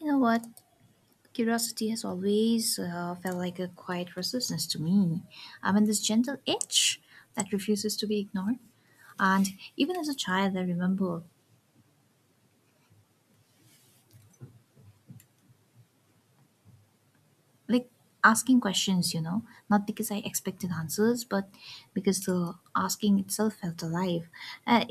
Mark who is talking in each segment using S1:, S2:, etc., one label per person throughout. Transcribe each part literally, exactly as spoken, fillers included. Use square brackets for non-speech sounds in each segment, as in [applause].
S1: You know what? Curiosity has always uh, felt like a quiet resistance to me. I mean, this gentle itch that refuses to be ignored. And even as a child, I remember like asking questions, you know, not because I expected answers, but because the asking itself felt alive. Uh,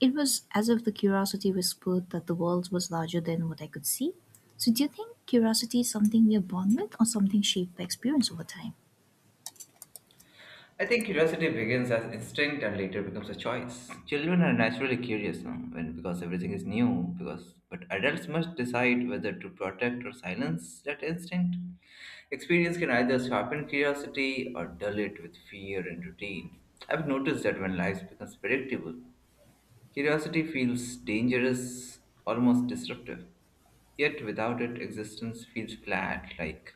S1: it was as if the curiosity whispered that the world was larger than what I could see. So, do you think curiosity is something we are born with or something shaped by experience over time?
S2: I think curiosity begins as instinct and later becomes a choice. Children are naturally curious now, when because everything is new, because but adults must decide whether to protect or silence that instinct. Experience can either sharpen curiosity or dull it with fear and routine. I've noticed that when life becomes predictable, curiosity feels dangerous, almost disruptive. Yet without it, existence feels flat, like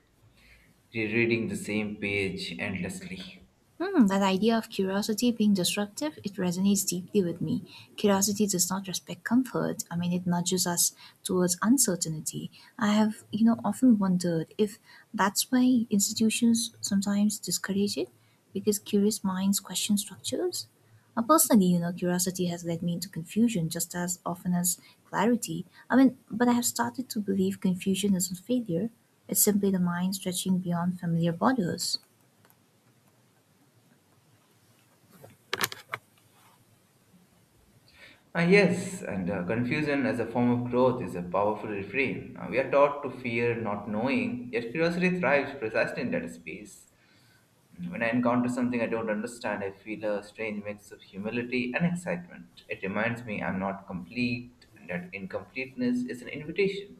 S2: rereading the same page endlessly.
S1: Hmm, that idea of curiosity being disruptive, it resonates deeply with me. Curiosity does not respect comfort. I mean, it nudges us towards uncertainty. I have, you know, often wondered if that's why institutions sometimes discourage it, because curious minds question structures. Uh, personally, you know, curiosity has led me into confusion just as often as clarity. I mean, but I have started to believe confusion isn't failure. It's simply the mind stretching beyond familiar borders.
S2: Ah yes, and uh, confusion as a form of growth is a powerful refrain. Uh, we are taught to fear not knowing, yet curiosity thrives precisely in that space. Mm, when I encounter something I don't understand, I feel a strange mix of humility and excitement. It reminds me I'm not complete, and that incompleteness is an invitation.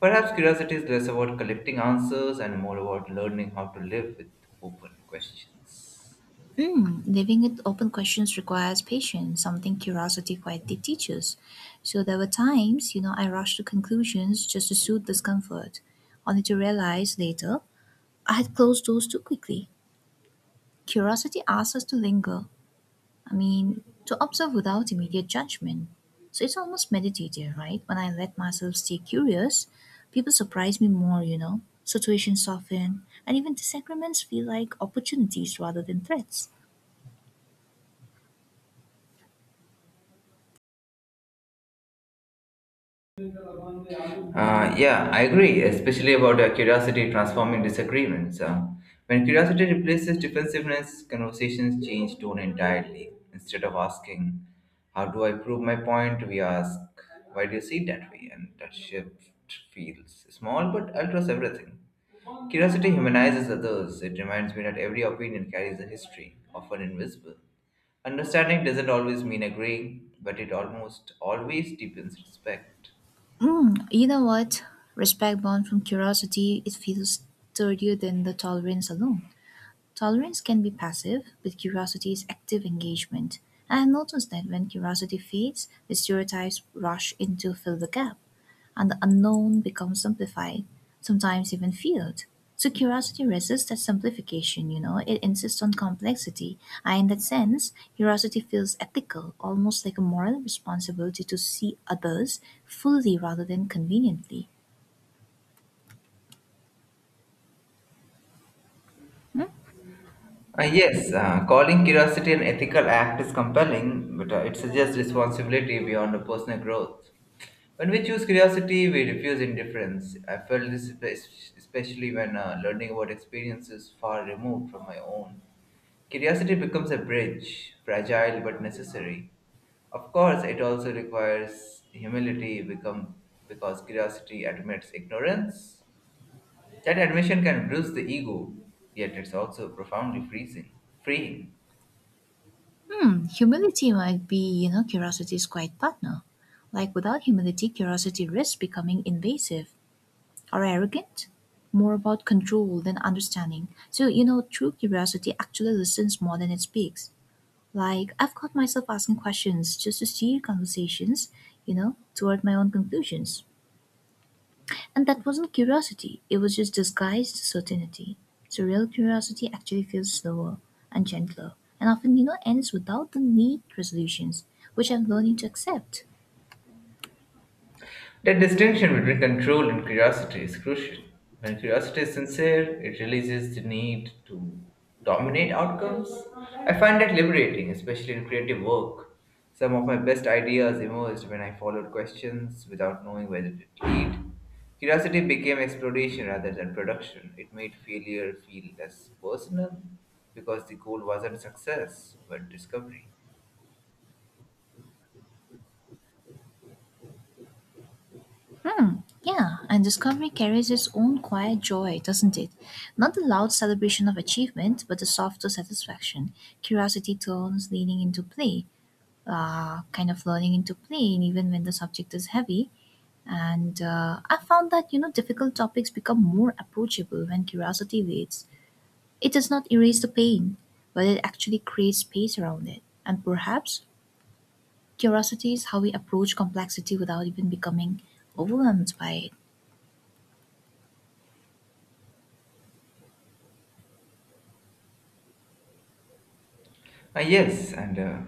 S2: Perhaps curiosity is less about collecting answers and more about learning how to live with open questions.
S1: Hmm, living with open questions requires patience, something curiosity quietly teaches. So there were times, you know, I rushed to conclusions just to soothe discomfort, only to realize later I had closed doors too quickly. Curiosity asks us to linger, I mean, to observe without immediate judgment. So it's almost meditative, right? When I let myself stay curious, people surprise me more, you know. Situations soften, and even disagreements feel like opportunities rather than threats.
S2: Uh, yeah, I agree, especially about uh, curiosity transforming disagreements. Uh, when curiosity replaces defensiveness, conversations change tone entirely. Instead of asking, "How do I prove my point?" we ask, "Why do you see it that way?" And that shift feels small but alters everything. Curiosity humanizes others. It reminds me that every opinion carries a history, often invisible. Understanding doesn't always mean agreeing, but it almost always deepens respect.
S1: Mm, you know what? Respect born from curiosity, it feels sturdier than the tolerance alone. Tolerance can be passive, but curiosity is active engagement. I have noticed that when curiosity fades, the stereotypes rush in to fill the gap and the unknown becomes simplified, sometimes even feared. So curiosity resists that simplification, you know, it insists on complexity. And in that sense, curiosity feels ethical, almost like a moral responsibility to see others fully rather than conveniently.
S2: Uh, yes, uh, calling curiosity an ethical act is compelling, but uh, it suggests responsibility beyond a personal growth. When we choose curiosity, we refuse indifference. I felt this espe- especially when uh, learning about experiences far removed from my own. Curiosity becomes a bridge, fragile but necessary. Of course, it also requires humility become, because curiosity admits ignorance. That admission can bruise the ego, yet it's also profoundly freezing, freeing.
S1: Hmm, humility might be, you know, curiosity's quiet partner. Like without humility, curiosity risks becoming invasive or arrogant, more about control than understanding. So, you know, true curiosity actually listens more than it speaks. Like, I've caught myself asking questions just to steer conversations, you know, toward my own conclusions. And that wasn't curiosity, it was just disguised certainty. So, real curiosity actually feels slower and gentler, and often, you know, ends without the need resolutions, which I'm learning to accept.
S2: The distinction between control and curiosity is crucial. When curiosity is sincere, it releases the need to dominate outcomes. I find that liberating, especially in creative work. Some of my best ideas emerged when I followed questions without knowing where it lead. Curiosity became exploration rather than production. It made failure feel less personal because the goal wasn't success but discovery.
S1: Hmm, yeah, and discovery carries its own quiet joy, doesn't it? Not the loud celebration of achievement, but the softer satisfaction. Curiosity turns leaning into play, uh, kind of learning into playing even when the subject is heavy and uh, I found that you know difficult topics become more approachable when curiosity waits. It does not erase the pain, but it actually creates space around it. And perhaps curiosity is how we approach complexity without even becoming overwhelmed by it.
S2: Ah, yes, and uh,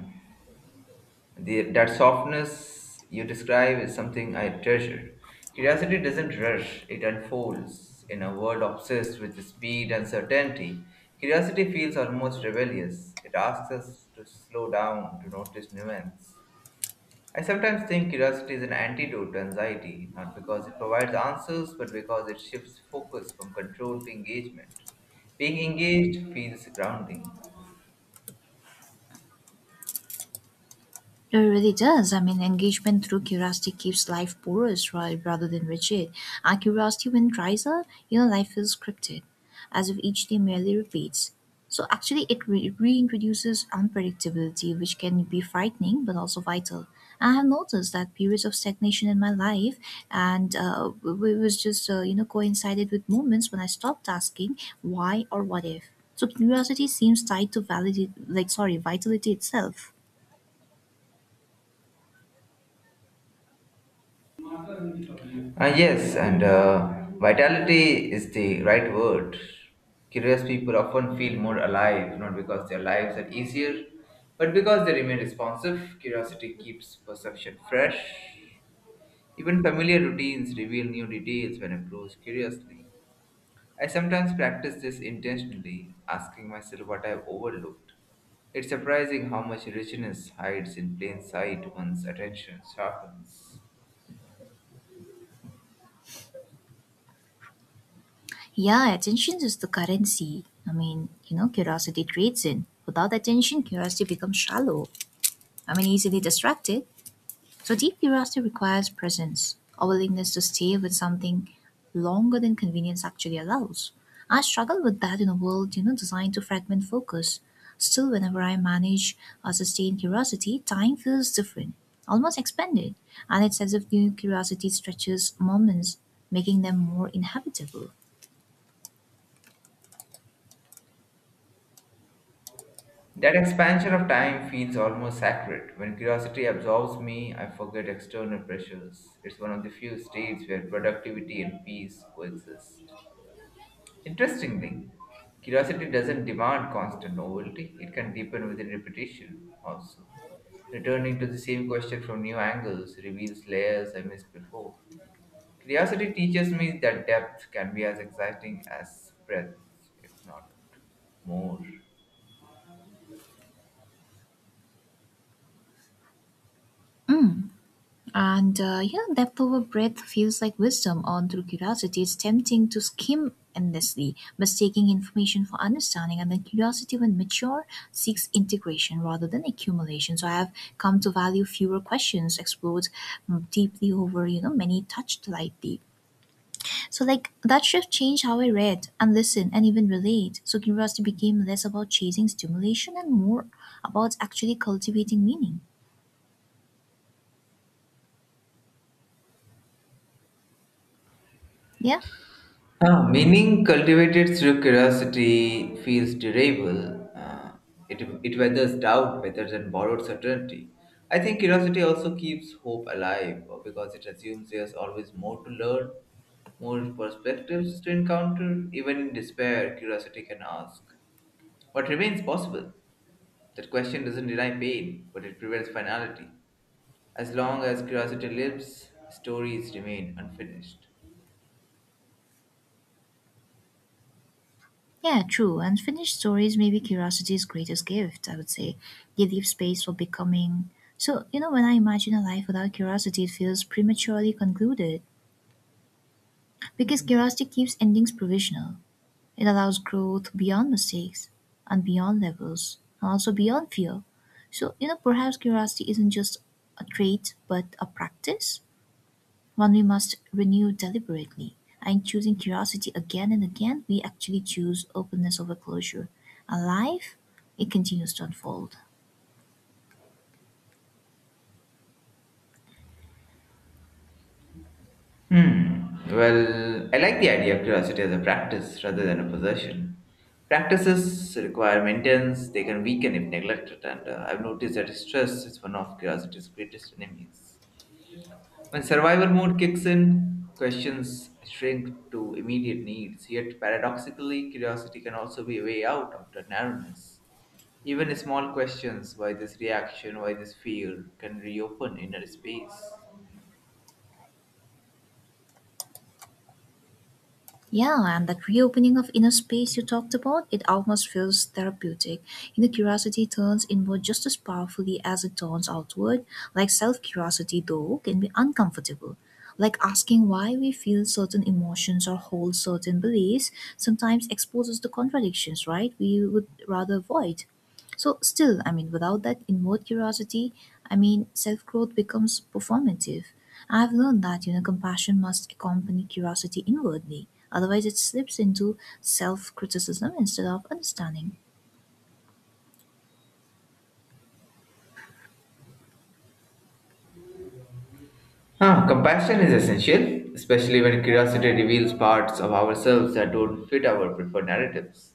S2: The, that softness you describe is something I treasure. Curiosity doesn't rush, it unfolds. In a world obsessed with speed and certainty, curiosity feels almost rebellious. It asks us to slow down, to notice nuance. I sometimes think curiosity is an antidote to anxiety, not because it provides answers, but because it shifts focus from control to engagement. Being engaged feels grounding.
S1: It really does. I mean, engagement through curiosity keeps life porous, right, rather than rigid. Our curiosity, when dries up, you know, life feels scripted, as if each day merely repeats. So, actually, it re- reintroduces unpredictability, which can be frightening but also vital. I have noticed that periods of stagnation in my life, and uh, w- it was just uh, you know coincided with moments when I stopped asking why or what if. So curiosity seems tied to validity, like sorry, vitality itself.
S2: Uh, yes, and uh, vitality is the right word. Curious people often feel more alive, not because their lives are easier, but because they remain responsive. Curiosity keeps perception fresh. Even familiar routines reveal new details when approached curiously. I sometimes practice this intentionally, asking myself what I've overlooked. It's surprising how much richness hides in plain sight once attention sharpens.
S1: Yeah, attention is the currency. I mean, you know, curiosity trades in. Without attention, curiosity becomes shallow. I mean, easily distracted. So, deep curiosity requires presence, a willingness to stay with something longer than convenience actually allows. I struggle with that in a world, you know, designed to fragment focus. Still, whenever I manage a sustained curiosity, time feels different, almost expanded, and it's as if new curiosity stretches moments, making them more inhabitable.
S2: That expansion of time feels almost sacred. When curiosity absorbs me, I forget external pressures. It's one of the few states where productivity and peace coexist. Interestingly, curiosity doesn't demand constant novelty, it can deepen within repetition also. Returning to the same question from new angles reveals layers I missed before. Curiosity teaches me that depth can be as exciting as breadth, if not more.
S1: And uh, yeah, that power breath feels like wisdom on through curiosity. It's tempting to skim endlessly, mistaking information for understanding. And then curiosity, when mature, seeks integration rather than accumulation. So I have come to value fewer questions explored mm, deeply over, you know, many touched lightly. So like that shift changed how I read and listen and even relate. So curiosity became less about chasing stimulation and more about actually cultivating meaning. Yeah.
S2: Ah, meaning cultivated through curiosity feels durable. Uh, it, it weathers doubt better than borrowed certainty. I think curiosity also keeps hope alive uh, because it assumes there's always more to learn, more perspectives to encounter. Even in despair, curiosity can ask what remains possible. That question doesn't deny pain, but it prevents finality. As long as curiosity lives, stories remain unfinished.
S1: Yeah, true. Unfinished stories may be curiosity's greatest gift, I would say. They leave space for becoming. So, you know, when I imagine a life without curiosity, it feels prematurely concluded because curiosity keeps endings provisional. It allows growth beyond mistakes and beyond levels and also beyond fear. So, you know, perhaps curiosity isn't just a trait but a practice, one we must renew deliberately. In choosing curiosity again and again, we actually choose openness over closure. Alive, it continues to unfold.
S2: Hmm. Well, I like the idea of curiosity as a practice rather than a possession. Practices require maintenance, they can weaken if neglected, and uh, I've noticed that stress is one of curiosity's greatest enemies. When survival mode kicks in, questions shrink to immediate needs, yet paradoxically, curiosity can also be a way out of the narrowness. Even small questions, why this reaction, why this fear, can reopen inner space.
S1: Yeah, and that reopening of inner space you talked about, it almost feels therapeutic. Inner curiosity turns inward just as powerfully as it turns outward. Like self curiosity, though, can be uncomfortable. Like asking why we feel certain emotions or hold certain beliefs sometimes exposes the contradictions, right? We would rather avoid. So, still, I mean, without that inward curiosity, I mean, self growth becomes performative. I've learned that you know compassion must accompany curiosity inwardly, otherwise it slips into self-criticism instead of understanding.
S2: Huh! Compassion is essential, especially when curiosity reveals parts of ourselves that don't fit our preferred narratives.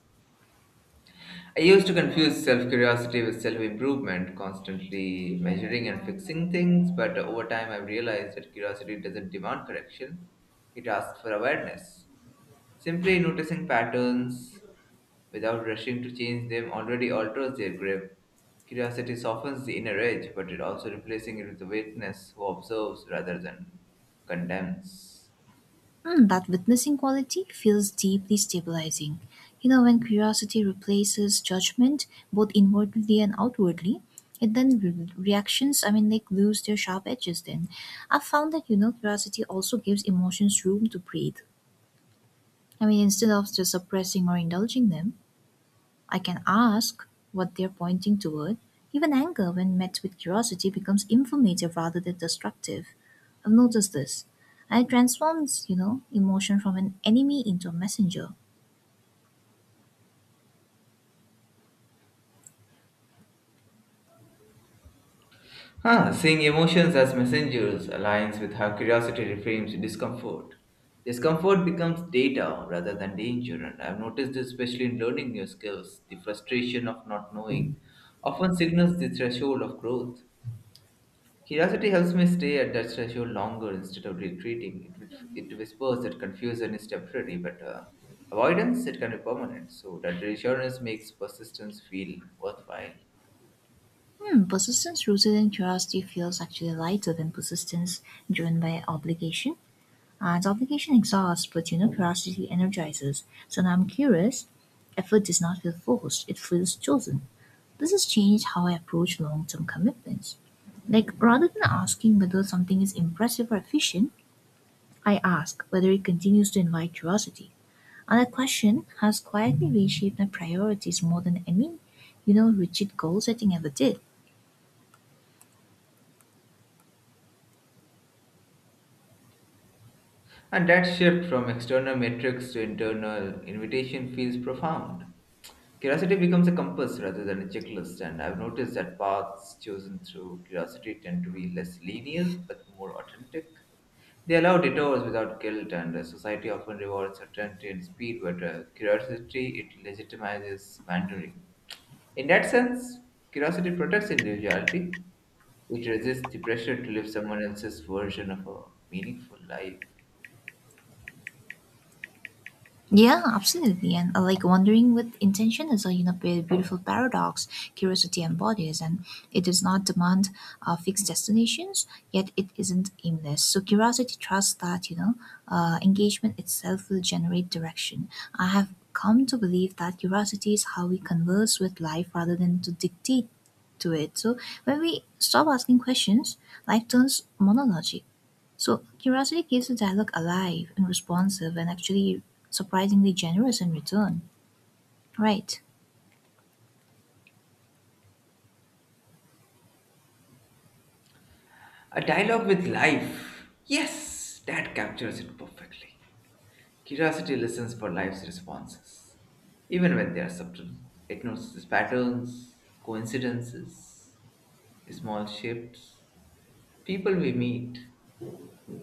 S2: I used to confuse self curiosity with self improvement, constantly measuring and fixing things, but over time I've realized that curiosity doesn't demand correction, it asks for awareness. Simply noticing patterns without rushing to change them already alters their grip. Curiosity softens the inner edge, but it also replacing it with awareness who observes rather than condemns.
S1: Hmm, that witnessing quality feels deeply stabilizing. You know, when curiosity replaces judgment, both inwardly and outwardly, it then re- reactions. I mean, like lose their sharp edges. Then, I've found that you know curiosity also gives emotions room to breathe. I mean, instead of just suppressing or indulging them, I can ask what they're pointing toward. Even anger, when met with curiosity, becomes informative rather than destructive. I've noticed this. And it transforms, you know, emotion from an enemy into a messenger.
S2: Huh, seeing emotions as messengers aligns with how curiosity reframes discomfort. Discomfort becomes data rather than danger, and I've noticed this especially in learning new skills. The frustration of not knowing often signals the threshold of growth. Curiosity helps me stay at that threshold longer instead of retreating. It, whis- it whispers that confusion is temporary, but uh, avoidance it can be permanent. So that reassurance makes persistence feel worthwhile.
S1: Hmm, persistence rooted in curiosity feels actually lighter than persistence driven by obligation. And obligation exhausts, but you know, curiosity energizes. So now I'm curious. Effort does not feel forced, it feels chosen. This has changed how I approach long term commitments. Like, rather than asking whether something is impressive or efficient, I ask whether it continues to invite curiosity. And that question has quietly reshaped my priorities more than any, you know, rigid goal setting ever did.
S2: And that shift from external metrics to internal invitation feels profound. Curiosity becomes a compass rather than a checklist, and I've noticed that paths chosen through curiosity tend to be less linear but more authentic. They allow detours without guilt, and uh, society often rewards certainty and speed, but uh, curiosity it legitimizes wandering. In that sense, curiosity protects individuality. It resists the pressure to live someone else's version of a meaningful life.
S1: Yeah, absolutely. And uh, like wandering with intention is a you know be- beautiful paradox curiosity embodies, and it does not demand uh, fixed destinations, yet it isn't aimless. So curiosity trusts that you know uh, engagement itself will generate direction. I have come to believe that curiosity is how we converse with life rather than to dictate to it. So when we stop asking questions, life turns monologic. So curiosity keeps the dialogue alive and responsive and actually surprisingly generous in return. Right.
S2: A dialogue with life. Yes, that captures it perfectly. Curiosity listens for life's responses. Even when they are subtle, it notices patterns, coincidences, small shifts, people we meet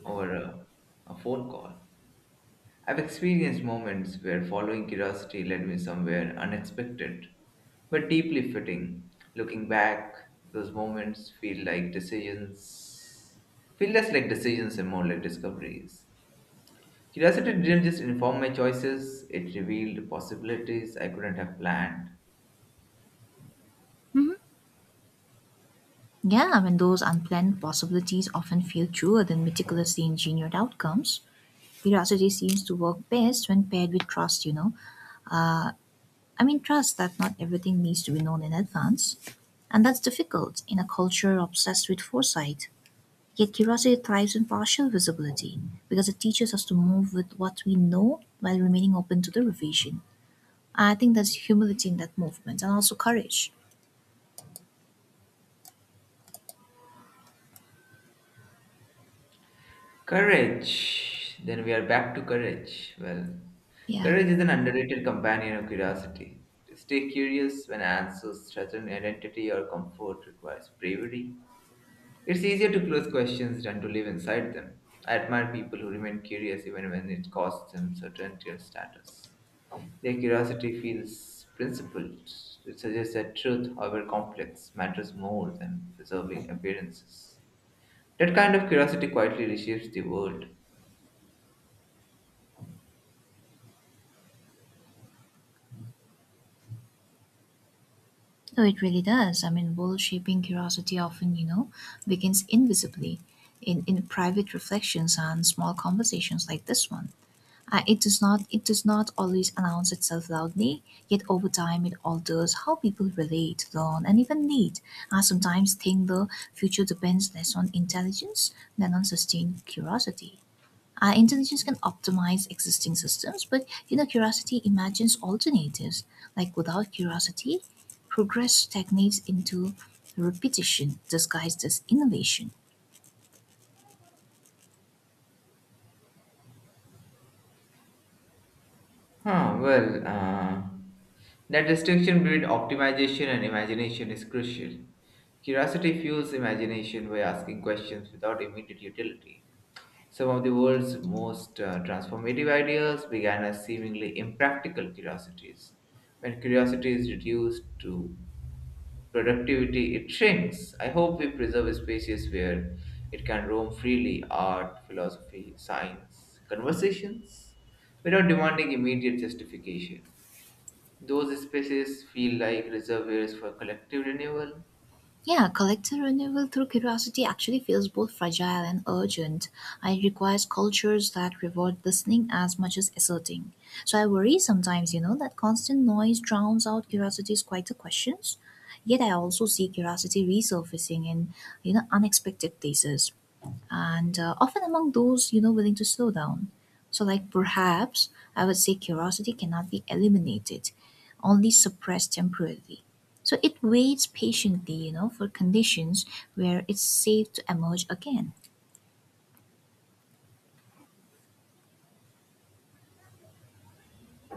S2: over a, a phone call. I've experienced moments where following curiosity led me somewhere unexpected, but deeply fitting. Looking back, those moments feel like decisions, feel less like decisions and more like discoveries. Curiosity didn't just inform my choices, it revealed possibilities I couldn't have planned.
S1: Yeah, when those unplanned possibilities often feel truer than meticulously engineered outcomes, curiosity seems to work best when paired with trust, you know. I mean, trust that not everything needs to be known in advance. And that's difficult in a culture obsessed with foresight. Yet curiosity thrives in partial visibility because it teaches us to move with what we know while remaining open to the revision. I think there's humility in that movement and also courage.
S2: Courage. Then we are back to courage. Well,
S1: Yeah.
S2: courage is an underrated companion of curiosity. To stay curious when answers threaten identity or comfort requires bravery. It's easier to close questions than to live inside them. I admire people who remain curious even when it costs them certainty or status. Their curiosity feels principled. It suggests that truth, however complex, matters more than preserving appearances. That kind of curiosity quietly reshapes the world.
S1: No, it really does. I mean, world shaping curiosity often, you know, begins invisibly in, in private reflections and small conversations like this one. Uh, it does not it does not always announce itself loudly, yet over time it alters how people relate, learn, and even lead. I sometimes think the future depends less on intelligence than on sustained curiosity. Uh, intelligence can optimize existing systems, but you know, curiosity imagines alternatives. Like without curiosity, progress stagnates into repetition disguised as innovation.
S2: Huh, well, uh, that distinction between optimization and imagination is crucial. Curiosity fuels imagination by asking questions without immediate utility. Some of the world's most uh, transformative ideas began as seemingly impractical curiosities. When curiosity is reduced to productivity it shrinks. I hope we preserve spaces where it can roam freely art, philosophy, science, conversations without demanding immediate justification. Those spaces feel like reservoirs for collective renewal.
S1: Yeah, collective renewal through curiosity actually feels both fragile and urgent. It requires cultures that reward listening as much as asserting. So I worry sometimes, you know, that constant noise drowns out curiosity's quieter questions. Yet I also see curiosity resurfacing in, you know, unexpected places and uh, often among those you know willing to slow down. So like perhaps I would say curiosity cannot be eliminated, only suppressed temporarily. So it waits patiently, you know for conditions where it's safe to emerge again.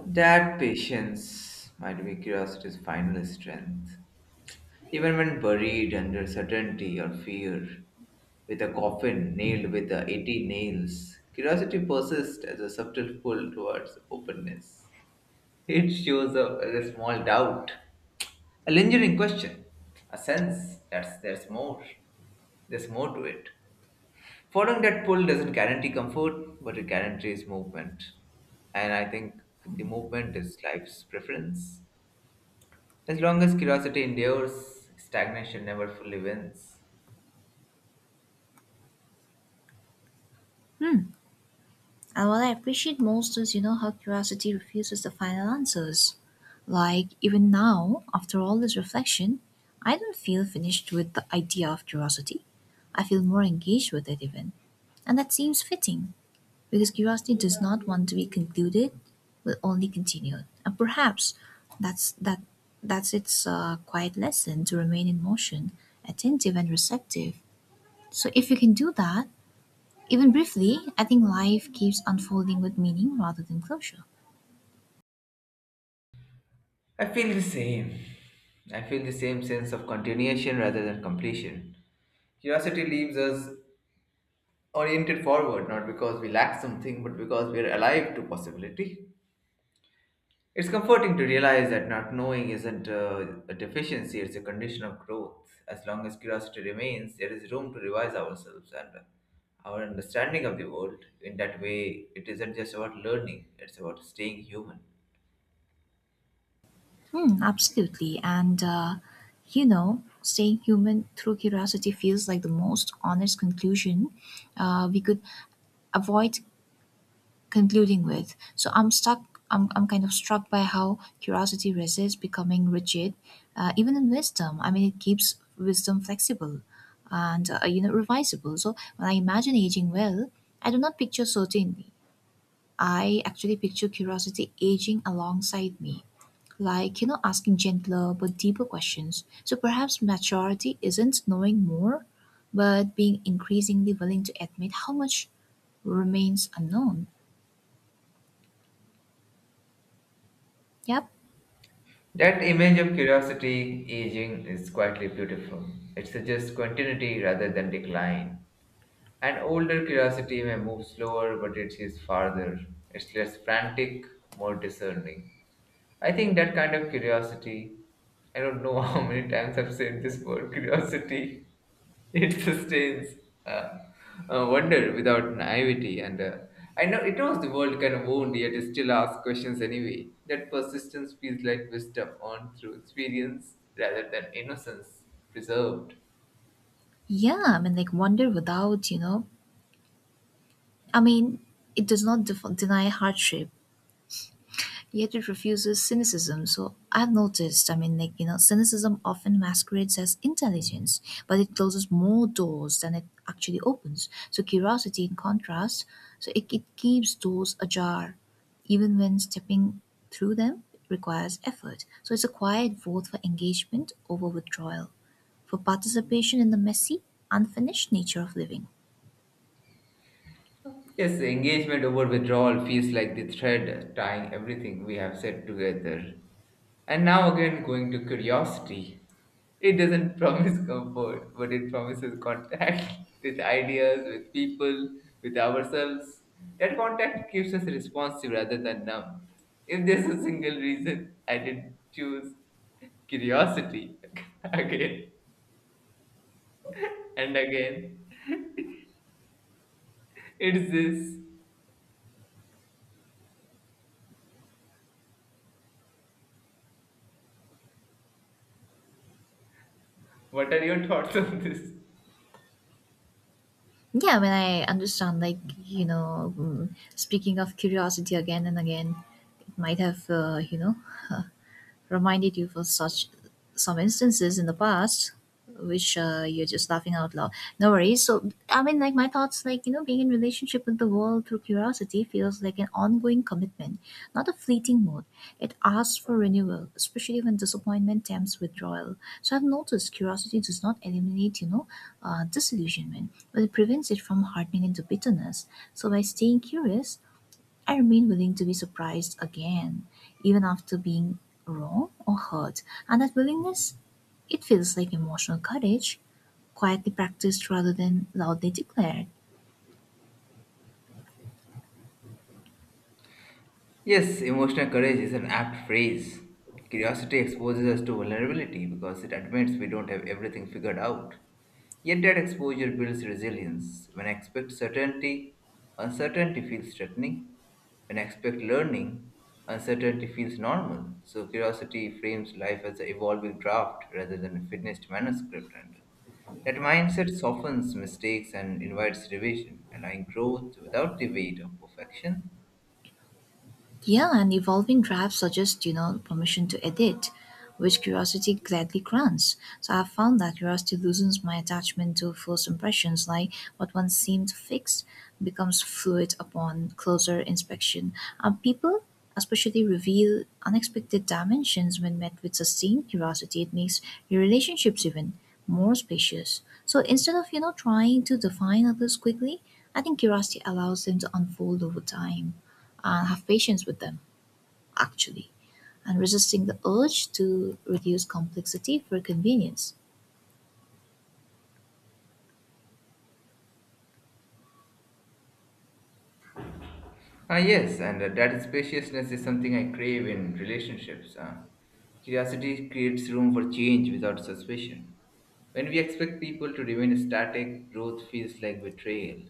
S2: That patience might be curiosity's final strength. Even when buried under certainty or fear, with a coffin nailed with the eighty nails, curiosity persists as a subtle pull towards openness. It shows a, a small doubt, a lingering question, a sense that there's more, there's more to it. Following that pull doesn't guarantee comfort, but it guarantees movement. And I think the movement is life's preference. As long as curiosity endures, stagnation never fully wins.
S1: Hmm, and what I appreciate most is you know how curiosity refuses the final answers. Like even now, after all this reflection, I don't feel finished with the idea of curiosity. I feel more engaged with it even, and that seems fitting. Because curiosity does not want to be concluded, but only continued. And perhaps that's that that's its uh, quiet lesson to remain in motion, attentive and receptive. So if you can do that, even briefly, I think life keeps unfolding with meaning rather than closure.
S2: I feel the same. I feel the same sense of continuation rather than completion. Curiosity leaves us oriented forward, not because we lack something, but because we are alive to possibility. It's comforting to realize that not knowing isn't uh, a deficiency, it's a condition of growth. As long as curiosity remains, there is room to revise ourselves and uh, our understanding of the world. In that way, it isn't just about learning, it's about staying human.
S1: Hmm, absolutely. And uh, you know, staying human through curiosity feels like the most honest conclusion. Uh, we could avoid concluding with. So I'm stuck. I'm, I'm kind of struck by how curiosity resists becoming rigid, uh, even in wisdom. I mean, it keeps wisdom flexible and uh, you know revisable. So when I imagine aging well, I do not picture certainty. I actually picture curiosity aging alongside me, like you know, asking gentler but deeper questions. So perhaps maturity isn't knowing more, but being increasingly willing to admit how much remains unknown. Yep.
S2: That image of curiosity aging is quietly beautiful. It suggests continuity rather than decline. An older curiosity may move slower, but it is farther. It's less frantic, more discerning. I think that kind of curiosity, I don't know [laughs] how many times I've said this word curiosity, [laughs] it sustains uh, uh, wonder without naivety. And uh, I know it knows the world can wound, yet it still asks questions anyway. That persistence feels like wisdom earned through experience rather than innocence preserved.
S1: Yeah, I mean, like wonder without, you know, I mean, it does not def- deny hardship, yet it refuses cynicism. So I've noticed, I mean, like, you know, cynicism often masquerades as intelligence, but it closes more doors than it actually opens. So curiosity, in contrast, so it, it keeps doors ajar, even when stepping through them requires effort. So it's a quiet vote for engagement over withdrawal, for participation in the messy, unfinished nature of living.
S2: Yes, engagement over withdrawal feels like the thread tying everything we have said together. And now again, going to curiosity. It doesn't [laughs] promise comfort, but it promises contact [laughs] with ideas, with people, with ourselves. That contact keeps us responsive rather than numb. If there's a single reason I didn't choose curiosity [laughs] again and again, it's this. What are your thoughts on this?
S1: Yeah, when I understand, like you know mm, speaking of curiosity again and again, it might have uh, you know [laughs] reminded you for such some instances in the past, which uh, you're just laughing out loud. No worries. So I mean, like my thoughts, like you know being in relationship with the world through curiosity feels like an ongoing commitment, not a fleeting mode. It asks for renewal, especially when disappointment tempts withdrawal. So I've noticed curiosity does not eliminate, you know uh, disillusionment, but it prevents it from hardening into bitterness. So by staying curious, I remain willing to be surprised again, even after being wrong or hurt. And that willingness, it feels like emotional courage, quietly practiced rather than loudly declared.
S2: Yes, emotional courage is an apt phrase. Curiosity exposes us to vulnerability because it admits we don't have everything figured out. Yet that exposure builds resilience. When I expect certainty, uncertainty feels threatening. When I expect learning, uncertainty feels normal. So curiosity frames life as an evolving draft rather than a finished manuscript. And that mindset softens mistakes and invites revision, allowing growth without the weight of perfection.
S1: Yeah, and evolving drafts suggest, you know, permission to edit, which curiosity gladly grants. So I've found that curiosity loosens my attachment to first impressions, like what once seemed fixed becomes fluid upon closer inspection. And people especially reveal unexpected dimensions when met with sustained curiosity. It makes your relationships even more spacious. So instead of, you know, trying to define others quickly, I think curiosity allows them to unfold over time and have patience with them, actually, and resisting the urge to reduce complexity for convenience.
S2: Ah, yes, and uh, that spaciousness is something I crave in relationships. Uh, curiosity creates room for change without suspicion. When we expect people to remain static, growth feels like betrayal.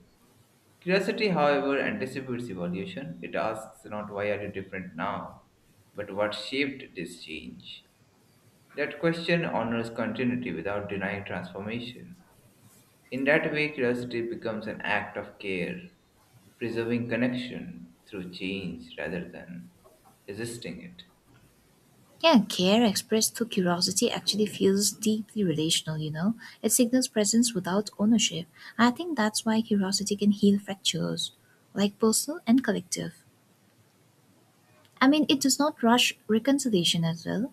S2: Curiosity, however, anticipates evolution. It asks not why are you different now, but what shaped this change. That question honors continuity without denying transformation. In that way, curiosity becomes an act of care preserving connection through change rather than resisting it.
S1: Yeah, care expressed through curiosity actually feels deeply relational, you know. It signals presence without ownership. I think that's why curiosity can heal fractures, like personal and collective. I mean, it does not rush reconciliation as well,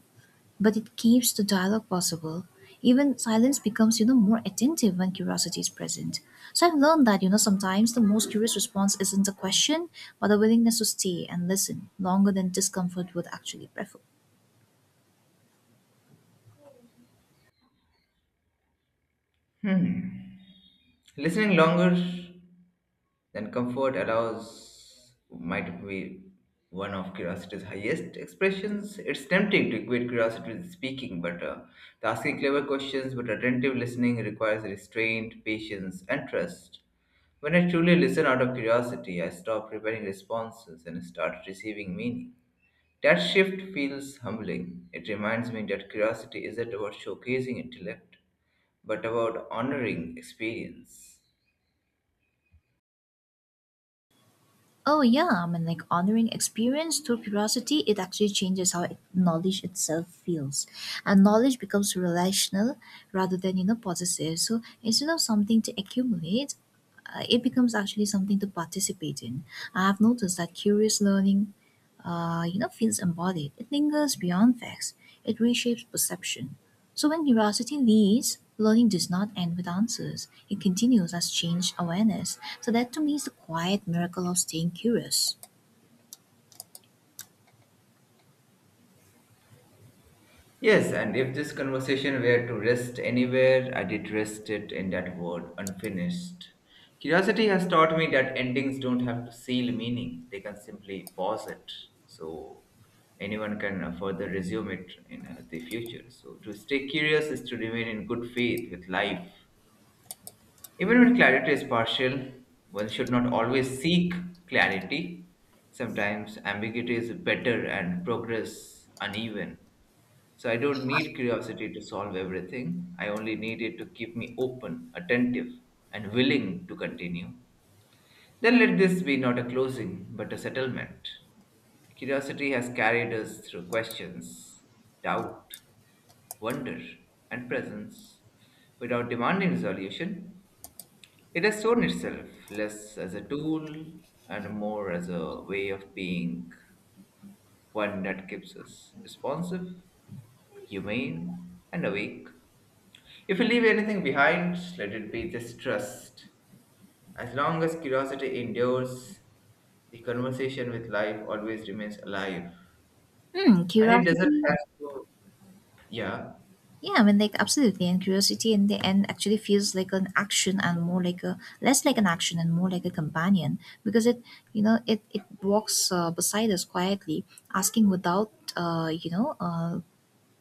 S1: but it keeps the dialogue possible. Even silence becomes, you know, more attentive when curiosity is present. So I've learned that, you know, sometimes the most curious response isn't a question, but a willingness to stay and listen longer than discomfort would actually prefer.
S2: Hmm. Listening longer than comfort allows might be one of curiosity's highest expressions. It's tempting to equate curiosity with speaking, but uh, the asking clever questions, but attentive listening requires restraint, patience, and trust. When I truly listen out of curiosity, I stop preparing responses and start receiving meaning. That shift feels humbling. It reminds me that curiosity isn't about showcasing intellect, but about honoring experience.
S1: Oh yeah, I mean, like honoring experience through curiosity, it actually changes how knowledge itself feels. And knowledge becomes relational rather than, you know, possessive. So instead of something to accumulate, uh, it becomes actually something to participate in. I have noticed that curious learning, uh, you know, feels embodied. It lingers beyond facts. It reshapes perception. So when curiosity leads, learning does not end with answers. It continues as changed awareness. So that to me is the quiet miracle of staying curious.
S2: Yes, and if this conversation were to rest anywhere, I did rest it in that word, unfinished. Curiosity has taught me that endings don't have to seal meaning, they can simply pause it. So anyone can uh, further resume it in uh, the future. So to stay curious is to remain in good faith with life. Even when clarity is partial, one should not always seek clarity. Sometimes ambiguity is better and progress uneven. So I don't need curiosity to solve everything. I only need it to keep me open, attentive, and willing to continue. Then let this be not a closing, but a settlement. Curiosity has carried us through questions, doubt, wonder, and presence without demanding resolution. It has shown itself less as a tool and more as a way of being, one that keeps us responsive, humane, and awake. If we leave anything behind, let it be this trust. As long as curiosity endures, the conversation with life always remains alive.
S1: Hmm,
S2: And it doesn't
S1: curiosity.
S2: have to, yeah.
S1: Yeah, I mean, like absolutely, and curiosity in the end actually feels like an action and more like a less like an action and more like a companion because it, you know, it it walks uh, beside us quietly, asking without, uh, you know, uh,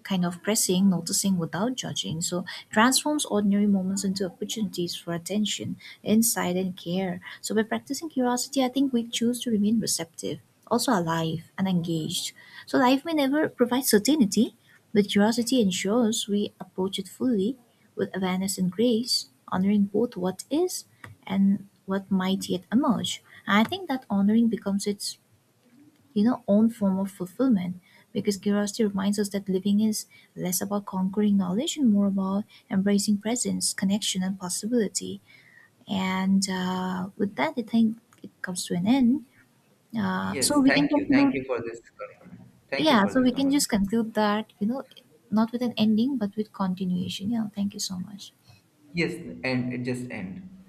S1: kind of pressing, noticing without judging. So transforms ordinary moments into opportunities for attention, insight, and care. So by practicing curiosity, I think we choose to remain receptive, also alive and engaged. So life may never provide certainty, but curiosity ensures we approach it fully with awareness and grace, honoring both what is and what might yet emerge. And I think that honoring becomes its, you know, own form of fulfillment, because curiosity reminds us that living is less about conquering knowledge and more about embracing presence, connection, and possibility. And uh, with that, I think it comes to an end. Uh, so
S2: Yes,
S1: we can
S2: thank you. Thank
S1: conclude.
S2: you for this. con- Thank you
S1: Yeah,
S2: for
S1: so
S2: this
S1: we can just
S2: conversation.
S1: conclude that, you know, not with an ending but with continuation. Yeah, thank you so much.
S2: Yes, and it just end.